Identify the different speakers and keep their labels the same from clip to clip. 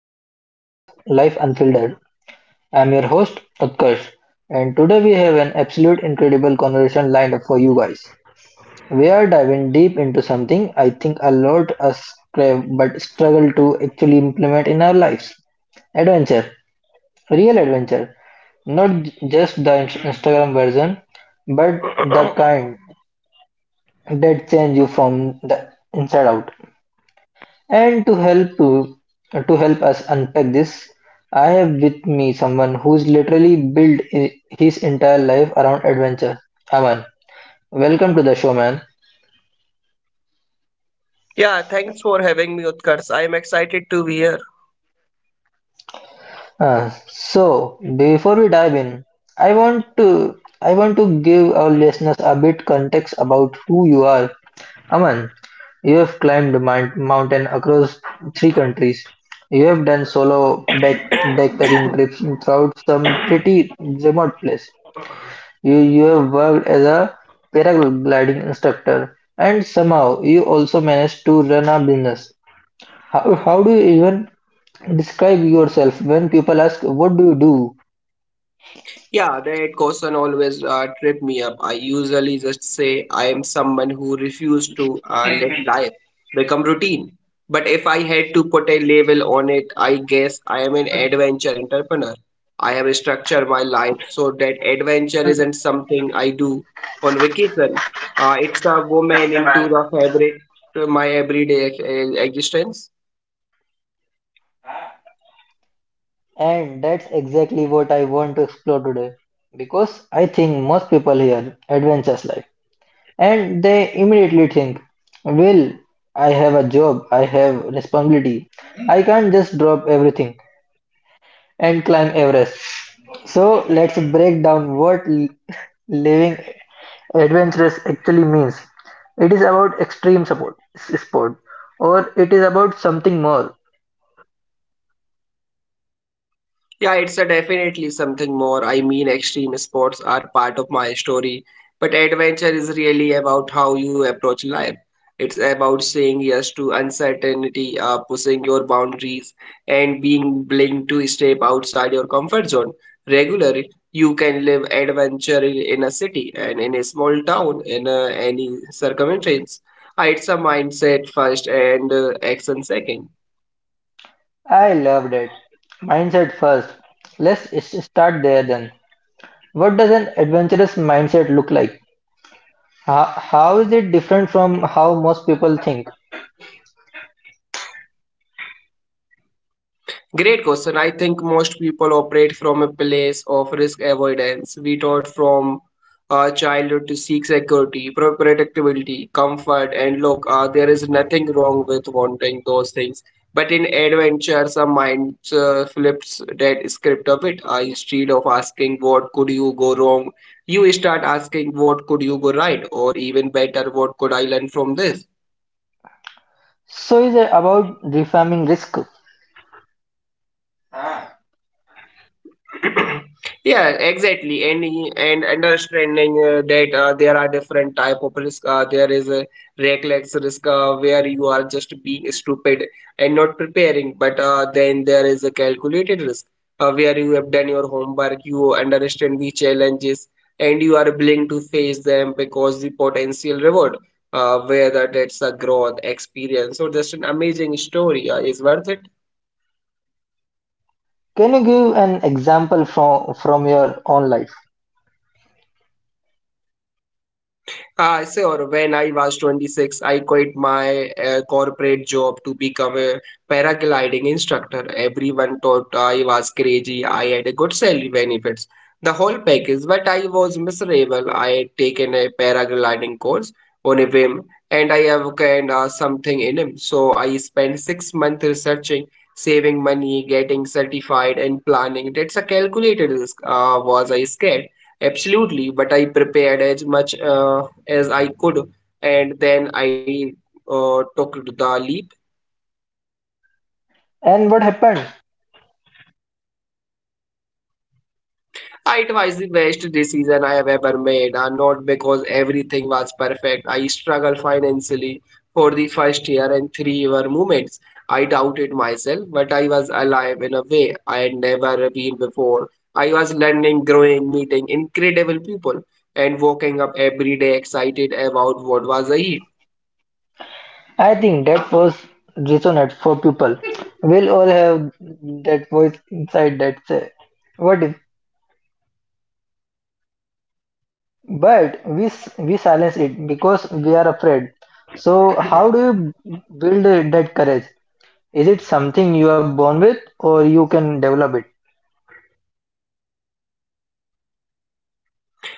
Speaker 1: Another episode of Life Unfiltered. I'm your host Utkarsh, and today we have an absolute incredible conversation lined up for you guys. We are diving deep into something I think a lot us crave but struggle to actually implement in our lives. Adventure, real adventure, not just the Instagram version, but the kind that change you from the inside out. And to help us unpack this, I have with me someone who's literally built his entire life around adventure. Aman, welcome to the show, man.
Speaker 2: Yeah, thanks for having me, Utkarsh. I am excited to be here.
Speaker 1: So before we dive in, I want to I want to give our listeners a bit context about who you are. Aman, you have climbed mountain across three countries. You have done solo backpacking trips throughout some pretty remote place. You have worked as a paragliding instructor, and somehow you also managed to run a business. How do you even describe yourself when people ask, "What do you do?"
Speaker 2: Yeah, that question always trip me up. I usually just say I am someone who refused to let life become routine. But if I had to put a label on it, I guess I am an adventure entrepreneur. I have structured my life so that adventure isn't something I do on vacation. It's a woman into the fabric of my everyday existence.
Speaker 1: And that's exactly what I want to explore today, because I think most people hear adventures life and they immediately think, well, I have a job, I have responsibility, I can't just drop everything and climb Everest. So let's break down what living adventurous actually means. It is about extreme sport, or it is about something more?
Speaker 2: Yeah, it's a definitely something more. I mean, extreme sports are part of my story, but adventure is really about how you approach life. It's about saying yes to uncertainty, pushing your boundaries, and being willing to step outside your comfort zone regularly. You can live adventure in a city and in a small town in any circumference. It's a mindset first and action second.
Speaker 1: I loved it. Mindset first. Let's start there then. What does an adventurous mindset look like? How is it different from how most people think?
Speaker 2: Great question. I think most people operate from a place of risk avoidance. We taught from childhood to seek security, predictability, comfort, and look, there is nothing wrong with wanting those things. But in adventure, some mind flips that script a bit. Instead of asking what could you go wrong, you start asking what could you go right, or even better, what could I learn from this?
Speaker 1: So is it about reframing risk?
Speaker 2: Yeah, exactly, and understanding that there are different type of risk. There is a reckless risk where you are just being stupid and not preparing, but then there is a calculated risk where you have done your homework, you understand the challenges, and you are willing to face them because the potential reward, whether that's a growth experience or just an amazing story, is worth it.
Speaker 1: Can you give an example from your own life?
Speaker 2: I say. Or When I was 26, I quit my corporate job to become a paragliding instructor. Everyone thought I was crazy. I had a good salary benefits, the whole package, but I was miserable. I had taken a paragliding course on a whim, and I have kind of something in him. So I spent 6 months researching, saving money, getting certified, and planning. That's a calculated risk. Was I scared? Absolutely, but I prepared as much. As I could, and then I took the leap.
Speaker 1: And what happened?
Speaker 2: It was the best decision I have ever made, and not because everything was perfect. I struggled financially for the first year and three were moments. I doubted myself, but I was alive in a way I had never been before. I was learning, growing, meeting incredible people, and waking up every day excited about what was ahead.
Speaker 1: I think that was resonant for people. We'll all have that voice inside that say, "What if?" But we we silence it because we are afraid. So how do you build that courage? Is it something you are born with, or you can develop it?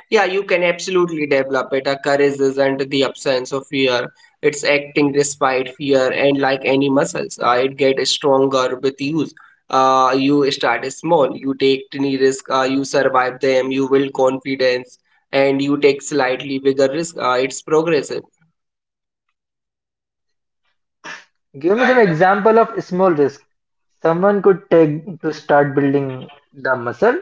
Speaker 2: Yeah, you can absolutely develop it. A courage isn't the absence of fear. It's acting despite fear, and like any muscles, it gets stronger with use. You start small, you take tiny risk, you survive them, you build confidence, and you take slightly bigger risk. It's progressive.
Speaker 1: Give me some example of small risk someone could take to start building the muscle.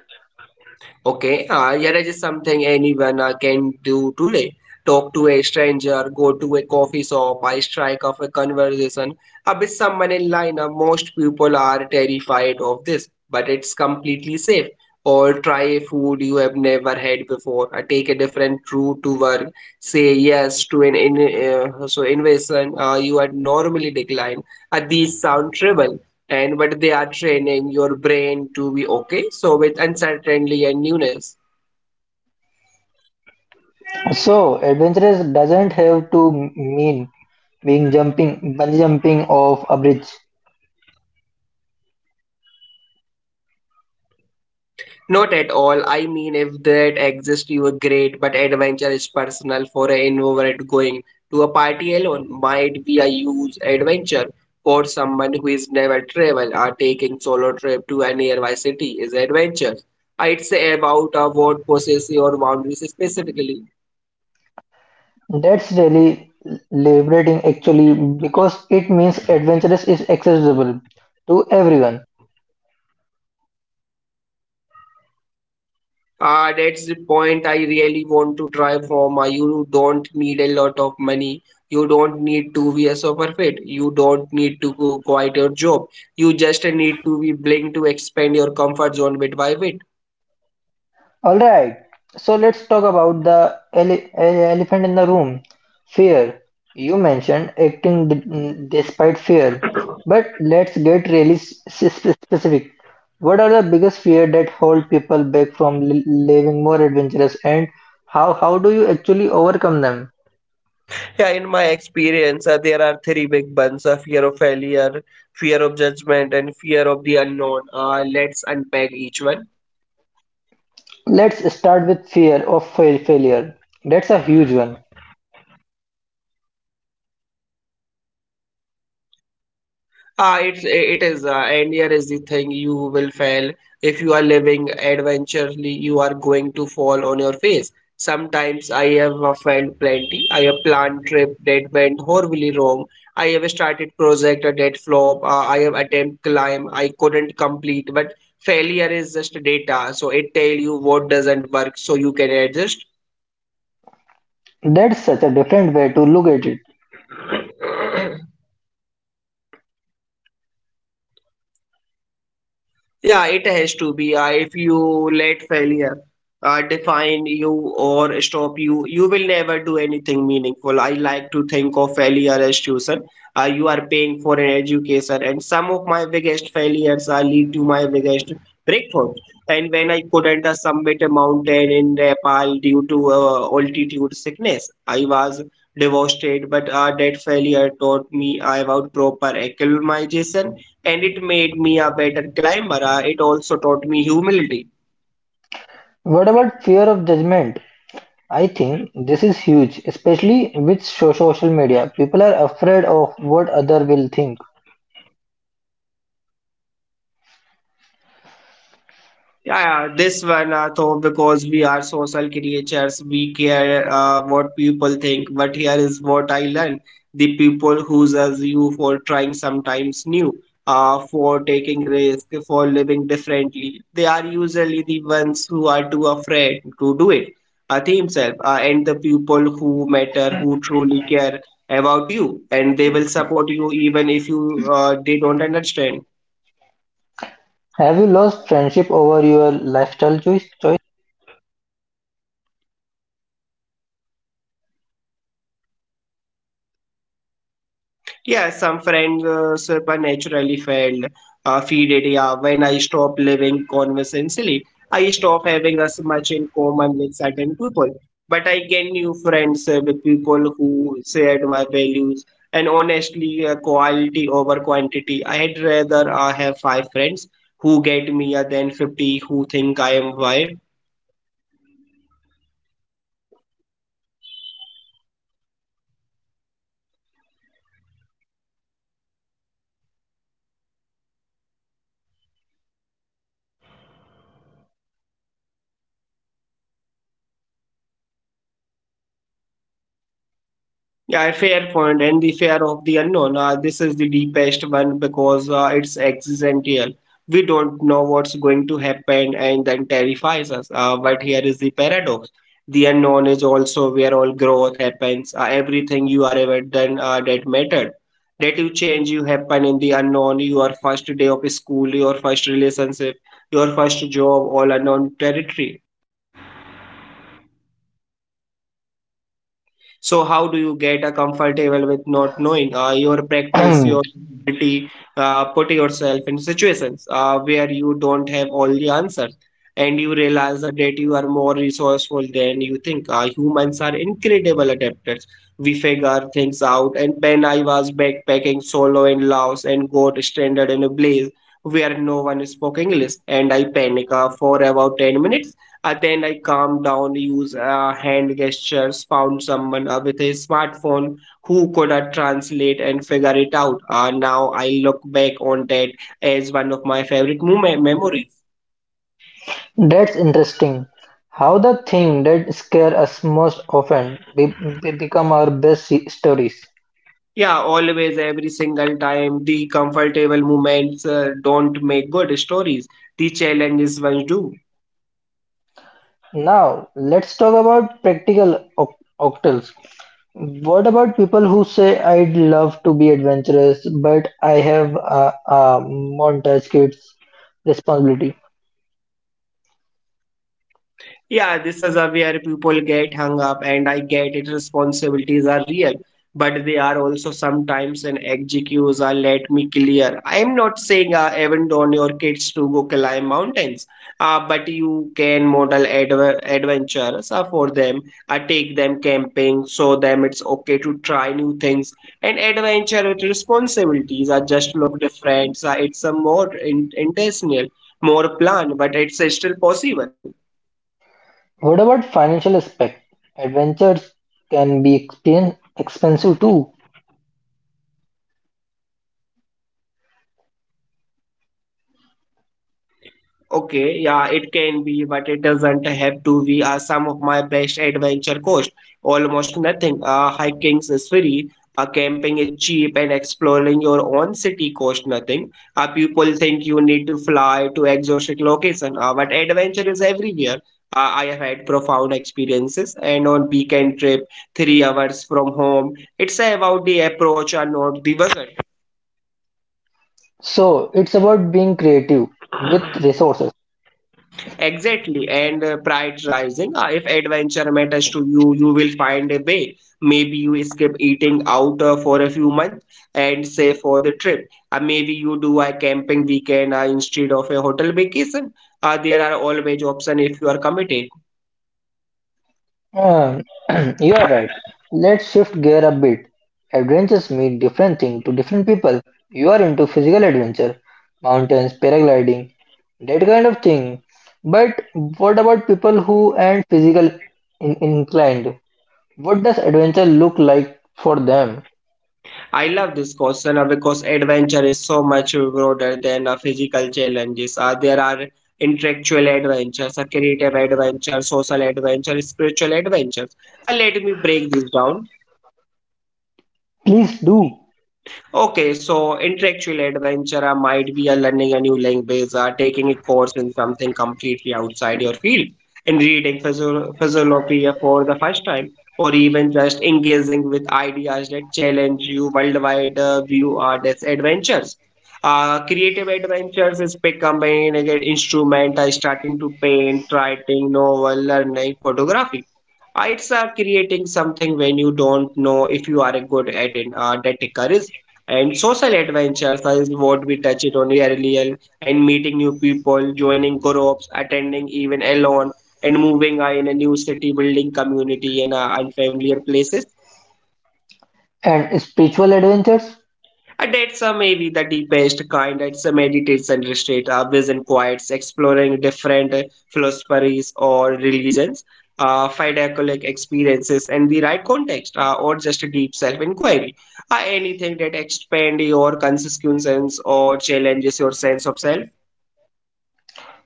Speaker 2: Okay, here is something anyone can do today. Talk to a stranger, go to a coffee shop, I strike up a conversation with someone in line. Most people are terrified of this, but it's completely safe. Or try a food you have never had before. Take a different route to work. Say yes to an in, so invasion you had normally declined. These sound trivial, and but they are training your brain to be okay so with uncertainty and newness.
Speaker 1: So adventurous doesn't have to mean being jumping bungee jumping off a bridge.
Speaker 2: Not at all. I mean, if that exists, you are great, but adventure is personal. For an introvert, going to a party alone might be a huge adventure. For someone who is never travel or taking solo trip to a nearby city is adventure. I'd say about what possess your boundaries specifically.
Speaker 1: That's really liberating actually, because it means adventurous is accessible to everyone.
Speaker 2: That's the point I really want to try for my. You don't need a lot of money. You don't need to be a super fit. You don't need to go quite your job. You just need to be willing to expand your comfort zone bit by bit.
Speaker 1: All right, so let's talk about the elephant in the room, fear. You mentioned acting despite fear, but let's get really specific. What are the biggest fear that hold people back from living more adventurous, and how do you actually overcome them?
Speaker 2: Yeah, in my experience, there are three big buns: fear of failure, fear of judgment, and fear of the unknown. Let's unpack each one.
Speaker 1: Let's start with fear of failure. That's a huge one.
Speaker 2: It is. And here is the thing, you will fail. If you are living adventurously, you are going to fall on your face sometimes. I have failed plenty. I have planned trip that went horribly wrong. I have started project that flop. I have attempt climb I couldn't complete, but failure is just data, so it tell you what doesn't work so you can adjust.
Speaker 1: That's such a different way to look at it.
Speaker 2: Yeah, it has to be. If you let failure define you or stop you, you will never do anything meaningful. I like to think of failure as tuition. You are paying for an education, and some of my biggest failures lead to my biggest breakthroughs. And when I couldn't summit a mountain in Nepal due to altitude sickness, I was devastated. But that failure taught me about proper acclimatization, and it made me a better climber. It also taught me humility.
Speaker 1: What about fear of judgment? I think this is huge, especially with social media. People are afraid of what other will think.
Speaker 2: Yeah, yeah, this one, though, because we are social creatures, we care what people think. But here is what I learned: the people who judge you for trying sometimes new, for taking risk, for living differently, they are usually the ones who are too afraid to do it. Themselves, and the people who matter, who truly care about you, and they will support you even if you they don't understand.
Speaker 1: Have you lost friendship over your lifestyle choice?
Speaker 2: Yeah, some friends supernaturally failed. Feed it, yeah. When I stop living conventionally, I stop having as much in common with certain people. But I gain new friends with people who shared my values, and honestly, quality over quantity. I'd rather have five friends who get me than 50 who think I am wild.
Speaker 1: Fair point. And the fear of the unknown.
Speaker 2: Yeah,
Speaker 1: What
Speaker 2: fair
Speaker 1: do you
Speaker 2: point,
Speaker 1: think
Speaker 2: and the
Speaker 1: about it?
Speaker 2: fear of the unknown. This is the deepest one because it's existential. We don't know what's going to happen, and then terrifies us. But here is the paradox: the unknown is also where all growth happens. Everything you are ever done that mattered, that you change, you happen in the unknown. Your first day of school, your first relationship, your first job, all unknown territory. So how do you get a comfortable with not knowing? Your practice, your ability, put yourself in situations where you don't have all the answers, and you realize that you are more resourceful than you think. Humans are incredible adapters. We figure things out. And when I was backpacking solo in Laos and got stranded in a blaze where no one spoke English, and I panicked for about 10 minutes, then I calmed down, used hand gestures, found someone with a smartphone who could translate and figure it out. Now I look back on that as one of my favorite moment memories.
Speaker 1: That's interesting. How the thing that scare us most often become our best stories.
Speaker 2: Yeah, always, every single time, the comfortable moments don't make good stories. The challenges ones do.
Speaker 1: Now, let's talk about practical octals. What about people who say I'd love to be adventurous, but I have a montage kids responsibility?
Speaker 2: Yeah, this is a where people get hung up, and I get it. Responsibilities are real, but they are also sometimes an excuse. Let me clear. I am not saying abandon your kids to go climb mountains, but you can model adventures for them. Take them camping, show them it's okay to try new things. And adventure with responsibilities are just look different. It's a more intentional, more planned, but it's still possible.
Speaker 1: What about financial aspect? Adventures can be expensive too.
Speaker 2: Okay, yeah, it can be, but it doesn't have to be. Some of my best adventure cost almost nothing. Hiking is free, camping is cheap, and exploring your own city cost nothing. People think you need to fly to exotic location, but adventure is everywhere. I have had profound experiences, and on weekend trip, 3 hours from home, it's about the approach and not the budget.
Speaker 1: So, it's about being creative with resources.
Speaker 2: Exactly, and prioritizing. If adventure matters to you, you will find a way. Maybe you skip eating out for a few months and save for the trip. Maybe you do a camping weekend instead of a hotel vacation. There are always options if you are committed.
Speaker 1: Um, you are right. Let's shift gear a bit. Adventures mean different thing to different people. You are into physical adventure, mountains, paragliding, that kind of thing. But what about people who aren't physical inclined? What does adventure look like for them?
Speaker 2: I love this question because adventure is so much broader than physical challenges. There are intellectual adventures, creative adventures, social adventures, spiritual adventures. Let me break this down.
Speaker 1: Please do.
Speaker 2: Okay, so intellectual adventure might be a learning a new language, taking a course in something completely outside your field, and reading physiology for the first time, or even just engaging with ideas that challenge you worldwide view are these adventures. Creative adventures is becoming an instrument, starting to paint, writing, novel, learning, photography. It's creating something when you don't know if you are good at it, that career and social adventures is what we touched on earlier, and meeting new people, joining groups, attending even alone, and moving in a new city, building community in unfamiliar places.
Speaker 1: And spiritual adventures?
Speaker 2: A Datsa may be the deepest kind. It's a meditates and retreat, always and quiets, exploring different philosophies or religions, fideicullic experiences, and the right context, or just a deep self-inquiry. Anything that expand your consciousness or challenges your sense of self.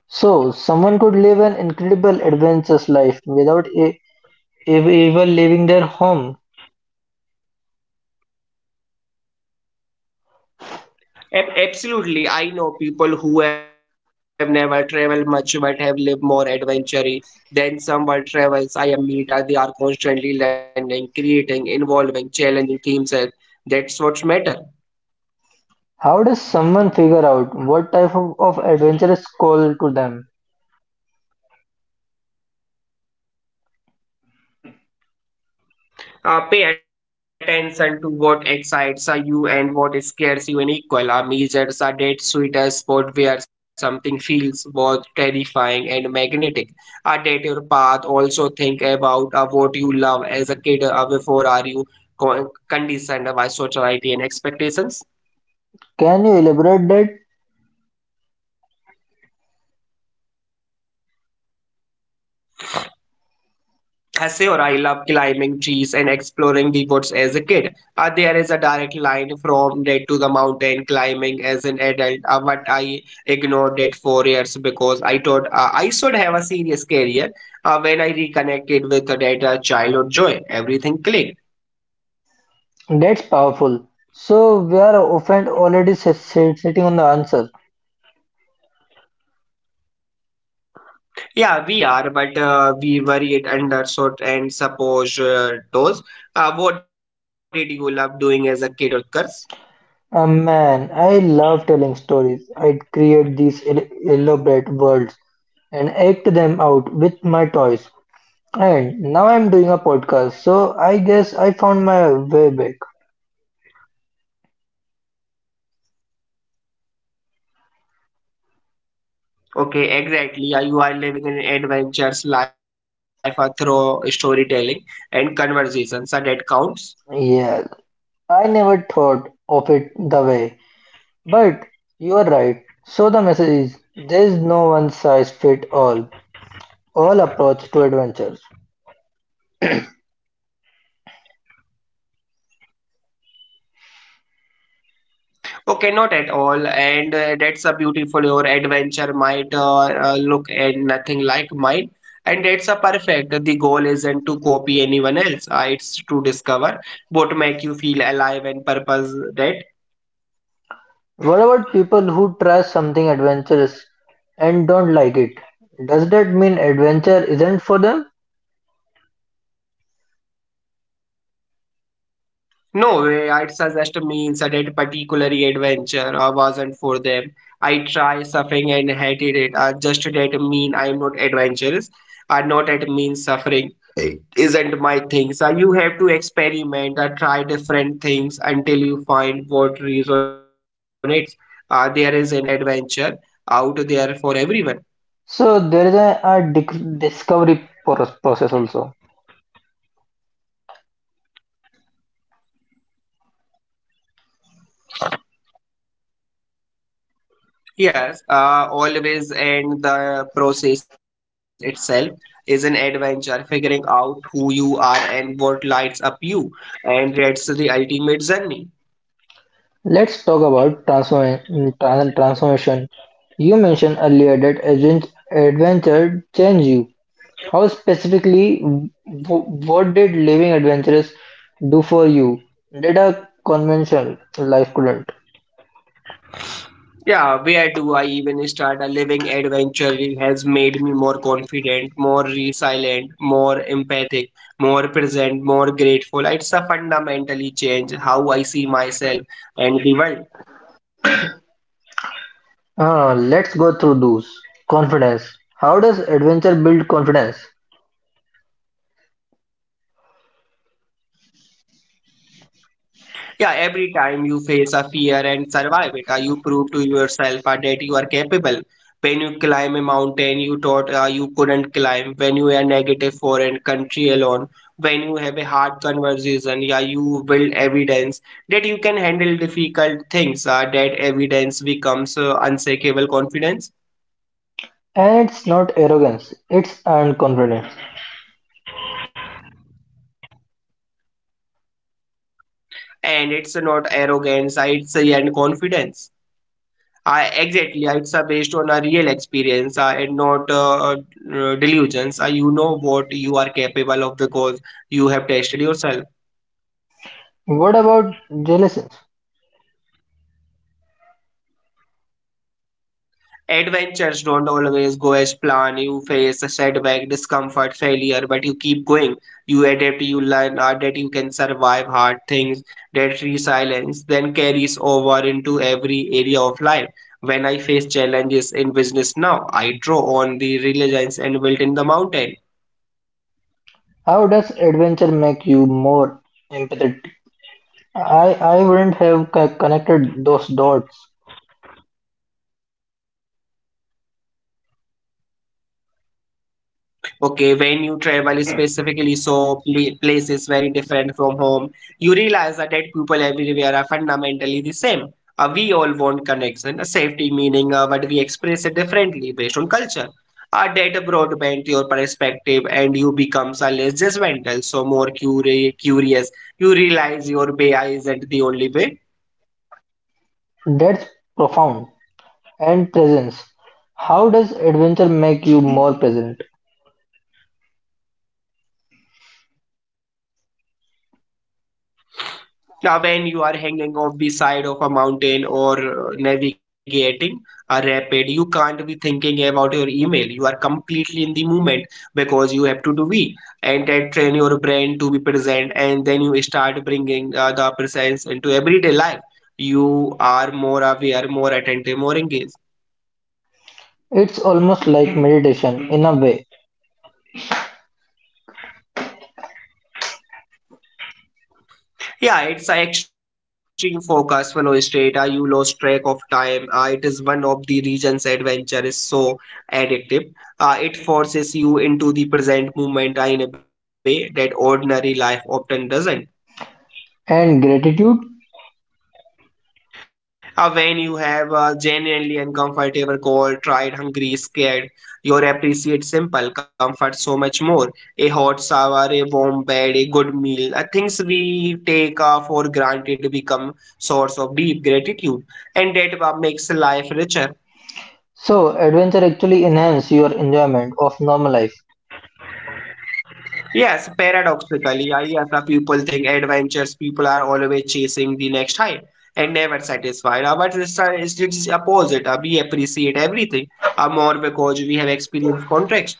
Speaker 1: So, someone could live an incredible adventurous life without ever leaving their home.
Speaker 2: Absolutely. I know people who have never traveled much but have lived more adventure than some world travels I am meet. Are they are constantly learning, creating, involving, challenging themselves. That's what matter.
Speaker 1: How does someone figure out what type of adventure is called to them?
Speaker 2: Pay attention to what excites you and what scares you in equal. A measures a date sweeter spot where something feels both terrifying and magnetic. A date your path. Also think about what you love as a kid before are you conditioned by society and expectations.
Speaker 1: Can you elaborate that?
Speaker 2: Hase or I love climbing trees and exploring the woods as a kid. There is a direct line from that to the mountain climbing as an adult, but I ignored it for years because I thought I should have a serious career. When I reconnected with that childhood joy, everything clicked.
Speaker 1: That's powerful. So we are often already sitting on the answer.
Speaker 2: Yeah, we are, but we worry it understood and suppose those. What did you love doing as a kid or curse?
Speaker 1: Ah man, I love telling stories. I create these elaborate worlds and act them out with my toys. And now I'm doing a podcast, so I guess I found my way back.
Speaker 2: Okay, exactly. You are living an adventure's life through storytelling and conversations that counts.
Speaker 1: Yeah, I never thought of it the way. But you are right. So the message is there is no one size fit all approach to adventures.
Speaker 2: Okay, not at all. And that's a beautiful. Your adventure might look and nothing like mine. And that's a perfect. The goal isn't to copy anyone else. It's to discover what make you feel alive and purpose that.
Speaker 1: What about people who try something adventurous and don't like it? Does that mean adventure isn't for them?
Speaker 2: No way, I'd suggest means that a particular adventure wasn't for them. I tried suffering and hated it. Just that mean I'm not adventurous. Not at mean suffering is isn't my thing. So you have to experiment, try different things until you find what resonates. There is an adventure out there for everyone.
Speaker 1: So there is a discovery process also.
Speaker 2: Yes, always and the process itself is an adventure, figuring out who you are and what lights up you, and that's the ultimate journey.
Speaker 1: Let's talk about transformation. You mentioned earlier that adventure change you. How specifically, what did living adventurous do for you that a conventional life couldn't?
Speaker 2: Yeah, where do I even start? A living adventure, it has made me more confident, more resilient, more empathic, more present, more grateful. It's a fundamentally change how I see myself and the world.
Speaker 1: Ah, let's go through those. Confidence. How does adventure build confidence?
Speaker 2: Yeah, every time you face a fear and survive it, you prove to yourself that you are capable. When you climb a mountain you thought you couldn't climb, when you are negative foreign country alone, when you have a hard conversation, yeah, you build evidence that you can handle difficult things. That evidence becomes unshakable confidence,
Speaker 1: And it's not arrogance, it's earned confidence.
Speaker 2: and it's not arrogance, it's a and confidence. Exactly, it's based on a real experience and not delusions. You know what you are capable of because you have tested yourself.
Speaker 1: What about relations?
Speaker 2: Adventures don't always go as planned. You face a setback, discomfort, failure, but you keep going. You adapt, you learn that you can survive hard things. That resilience then carries over into every area of life. When I face challenges in business now, I draw on the resilience and built in the mountain.
Speaker 1: How does adventure make you more empathetic? I wouldn't have connected those dots.
Speaker 2: Okay, when you travel specifically, so place is very different from home. You realize that dead people everywhere are fundamentally the same. We all want connection, a safety meaning, but we express it differently based on culture. A that broadband your perspective, and you become a less judgmental, so more curious. You realize your way isn't the only way.
Speaker 1: That's profound. And presence. How does adventure make you more present?
Speaker 2: Now, when you are hanging off the side of a mountain or navigating a rapid, you can't be thinking about your email. You are completely in the moment because you have to do V, and that train your brain to be present, and then you start bringing the presence into everyday life. You are more aware, more attentive, more engaged.
Speaker 1: It's almost like meditation in a way,
Speaker 2: Yeah, it's an extreme focus, fellow strata. You lost track of time. It is one of the reasons adventure is so addictive. It forces you into the present moment in a way that ordinary life often doesn't.
Speaker 1: and gratitude.
Speaker 2: When you have a genuinely uncomfortable cold, tried, hungry, scared, you appreciate simple comfort so much more. A hot shower, a warm bed, a good meal, things we take for granted become source of deep gratitude, and that makes life richer.
Speaker 1: So, adventure actually enhance your enjoyment of normal life.
Speaker 2: Yes, paradoxically, I yes, people think adventures, people are always chasing the next high and never satisfied. But it's opposite. We appreciate everything more because we have experienced contrast.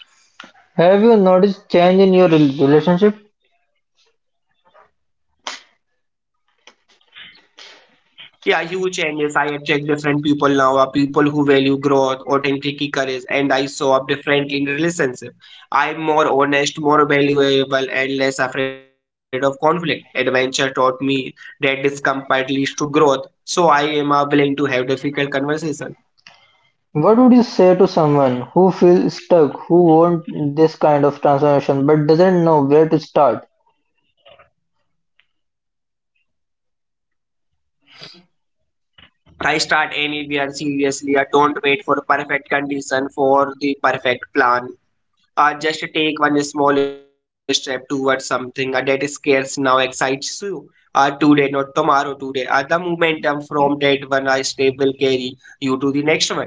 Speaker 1: Have you noticed change in your relationship?
Speaker 2: Yeah, huge changes. I attract different people now, are people who value growth, authenticity, courage, and I show up differently in relationship. I'm more honest, more valuable, and less afraid of conflict. Adventure taught me that discomfort leads to growth, so I am willing to have difficult conversation.
Speaker 1: What would you say to someone who feels stuck, who want this kind of transformation but doesn't know where to start?
Speaker 2: I start anywhere seriously. I don't wait for perfect condition for the perfect plan. Just take one small step towards something that scares now excites you today, not tomorrow, today. The momentum from that one step will carry you to the next one.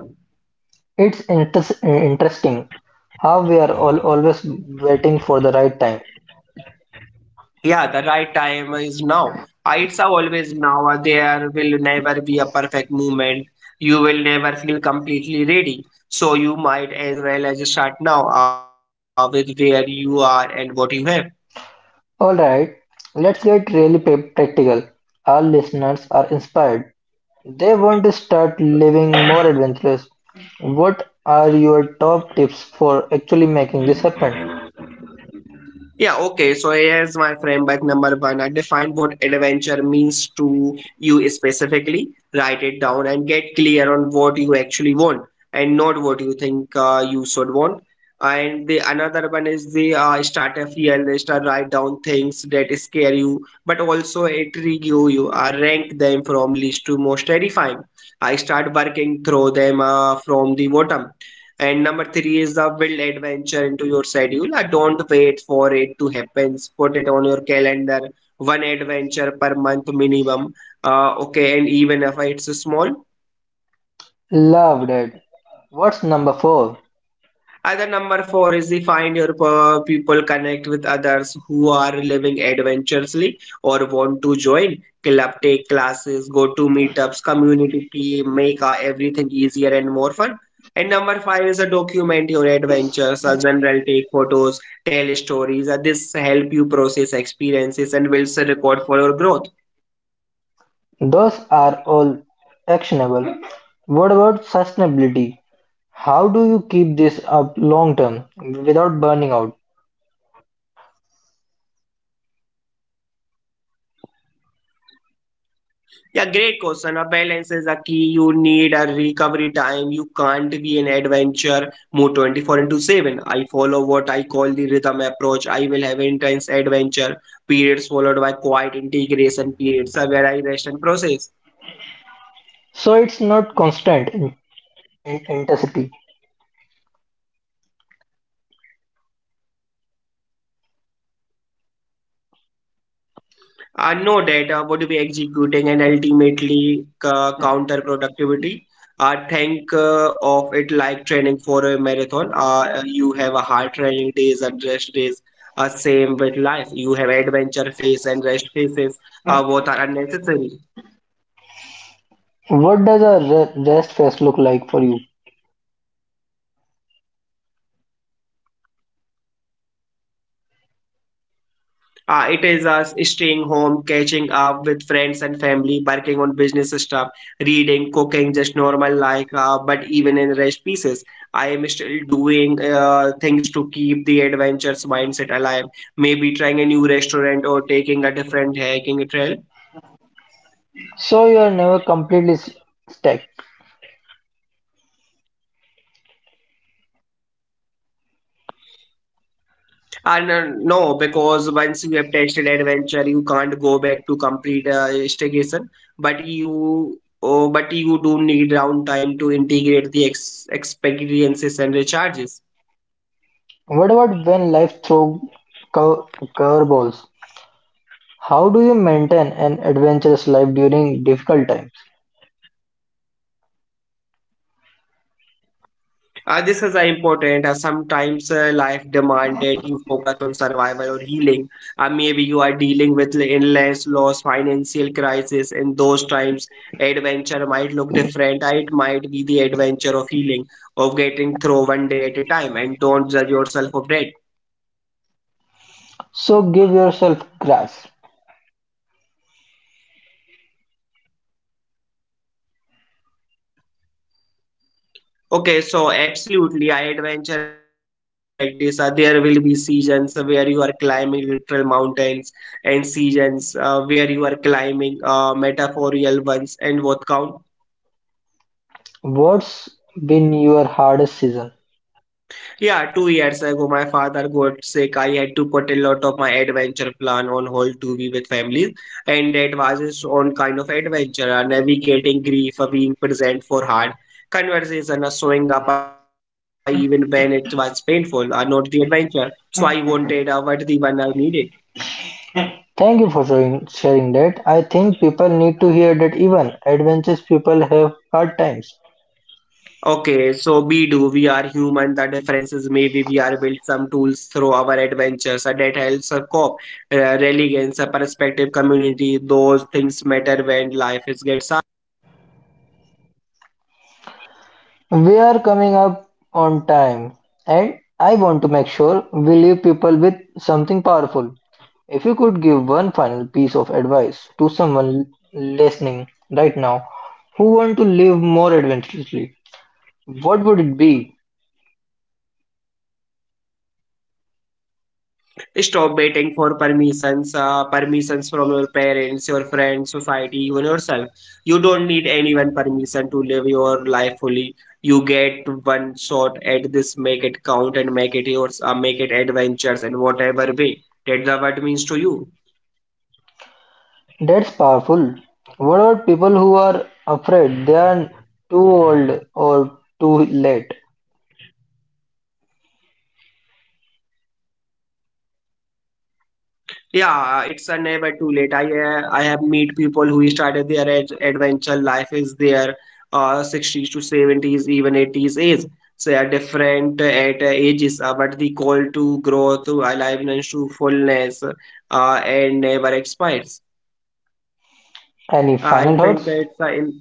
Speaker 1: It's interesting how we are all always waiting for the right time.
Speaker 2: Yeah, the right time is now. It's always now. There will never be a perfect moment. You will never feel completely ready. So you might as well as start now with where you are and what you have.
Speaker 1: All right, let's get really practical. Our listeners are inspired. They want to start living more adventurous. What are your top tips for actually making this happen?
Speaker 2: Yeah, okay. So here's my framework number one. I define what adventure means to you specifically. Write it down and get clear on what you actually want and not what you think you should want. And the another one is the start a fear list. I write down things that scare you, but also intrigue you. You I rank them from least to most terrifying. I start working through them from the bottom. And number three is the build adventure into your schedule. Don't wait for it to happen. Put it on your calendar, one adventure per month minimum. Okay, and even if it's small.
Speaker 1: Loved it. What's number four?
Speaker 2: Other number four is the find your people, connect with others who are living adventurously or want to join club, take classes, go to meetups, community team, make everything easier and more fun. And number five is a document your adventures, a general take photos, tell stories. This help you process experiences and builds a record for your growth.
Speaker 1: Those are all actionable. What about sustainability? How do you keep this up long term without burning out?
Speaker 2: Yeah, great question. A balance is a key. You need a recovery time. You can't be an adventure mode 24 into 7. I follow what I call the rhythm approach. I will have intense adventure periods followed by quiet integration periods where I rest and process.
Speaker 1: So it's not constant in intensity.
Speaker 2: Know that what we executing and ultimately counter productivity. Think of it like training for a marathon. You have a hard training days and rest days. Same with life. You have adventure phase and rest phases. Both are unnecessary.
Speaker 1: What does a rest phase look like for you?
Speaker 2: It is us staying home, catching up with friends and family, working on business stuff, reading, cooking, just normal life. But even in rest pieces, I am still doing things to keep the adventures mindset alive. Maybe trying a new restaurant or taking a different hiking trail.
Speaker 1: So you are never completely stuck.
Speaker 2: And no, because once you have tested adventure, you can't go back to complete investigation. But you, oh, but you do need downtime to integrate the ex experiences and recharges.
Speaker 1: What about when life throws cur- curveballs? How do you maintain an adventurous life during difficult times?
Speaker 2: This is important. Sometimes life demand that you focus on survival or healing. Maybe you are dealing with illness, loss, financial crisis. In those times, adventure might look different. It might be the adventure of healing, of getting through one day at a time. And don't judge yourself of that.
Speaker 1: So give yourself grace.
Speaker 2: Okay, so absolutely, adventure is a lifelong practice. There will be seasons where you are climbing literal mountains, and seasons where you are climbing metaphorical ones. And what count?
Speaker 1: What's been your hardest season?
Speaker 2: Yeah, 2 years ago, my father got sick. I had to put a lot of my adventure plan on hold to be with family, and that was its own kind of adventure. Navigating grief, being present for hard conversation, showing up even when it was painful, not the adventure. So I wanted what the one I needed.
Speaker 1: Thank you for sharing that. I think people need to hear that even adventurous people have hard times.
Speaker 2: Okay, so we do. We are human. The difference is maybe we are built some tools through our adventures. A that helps a cope, reliance, a perspective, community. Those things matter when life is gets hard.
Speaker 1: We're coming up on time, and I want to make sure we leave people with something powerful. If you could give one final piece of advice to someone listening right now who want to live more adventurously, what would it be?
Speaker 2: Stop waiting for permissions, permissions from your parents, your friends, society, even yourself. You don't need anyone permission to live your life fully. You get one shot at this. Make it count and make it yours. Make it adventures in whatever way. That's the what means to you.
Speaker 1: That's powerful. What about people who are afraid they are too old or too late?
Speaker 2: Yeah, it's a never too late. I have meet people who started their ad adventure life is their 60s to 70s, even 80s age. So they are different at ages, but the call to growth, to aliveness, to fullness, and never expires.
Speaker 1: Any
Speaker 2: I
Speaker 1: final
Speaker 2: think
Speaker 1: thoughts?
Speaker 2: it's in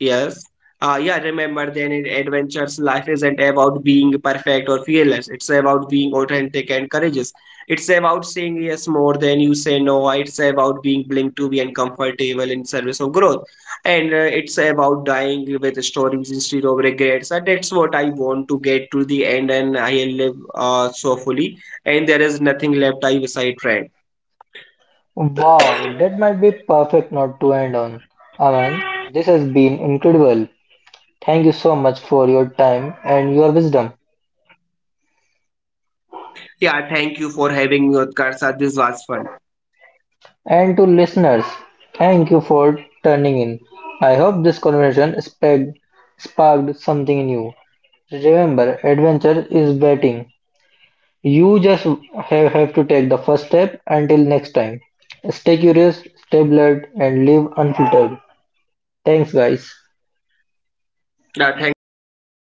Speaker 2: Yes. Yeah, remember then in adventures, life isn't about being perfect or fearless. It's about being authentic and courageous. It's about saying yes more than you say no. It's about being willing to be uncomfortable in service of growth. And it's about dying with stories instead of regrets. And that's what I want to get to the end and I live so fully. And there is nothing left I wish I tried.
Speaker 1: Wow, that might be perfect note to end on. Aman, this has been incredible. Thank you so much for your time and your wisdom.
Speaker 2: Yeah, thank you for having me, Utkarsa. This was fun.
Speaker 1: And to listeners, thank you for turning in. I hope this conversation sparked something in you. Remember, adventure is waiting. You just have to take the first step. Until next time, stay curious, stay blurred, and live unfiltered. Thanks, guys.
Speaker 2: Yeah, thanks, Utkarsa.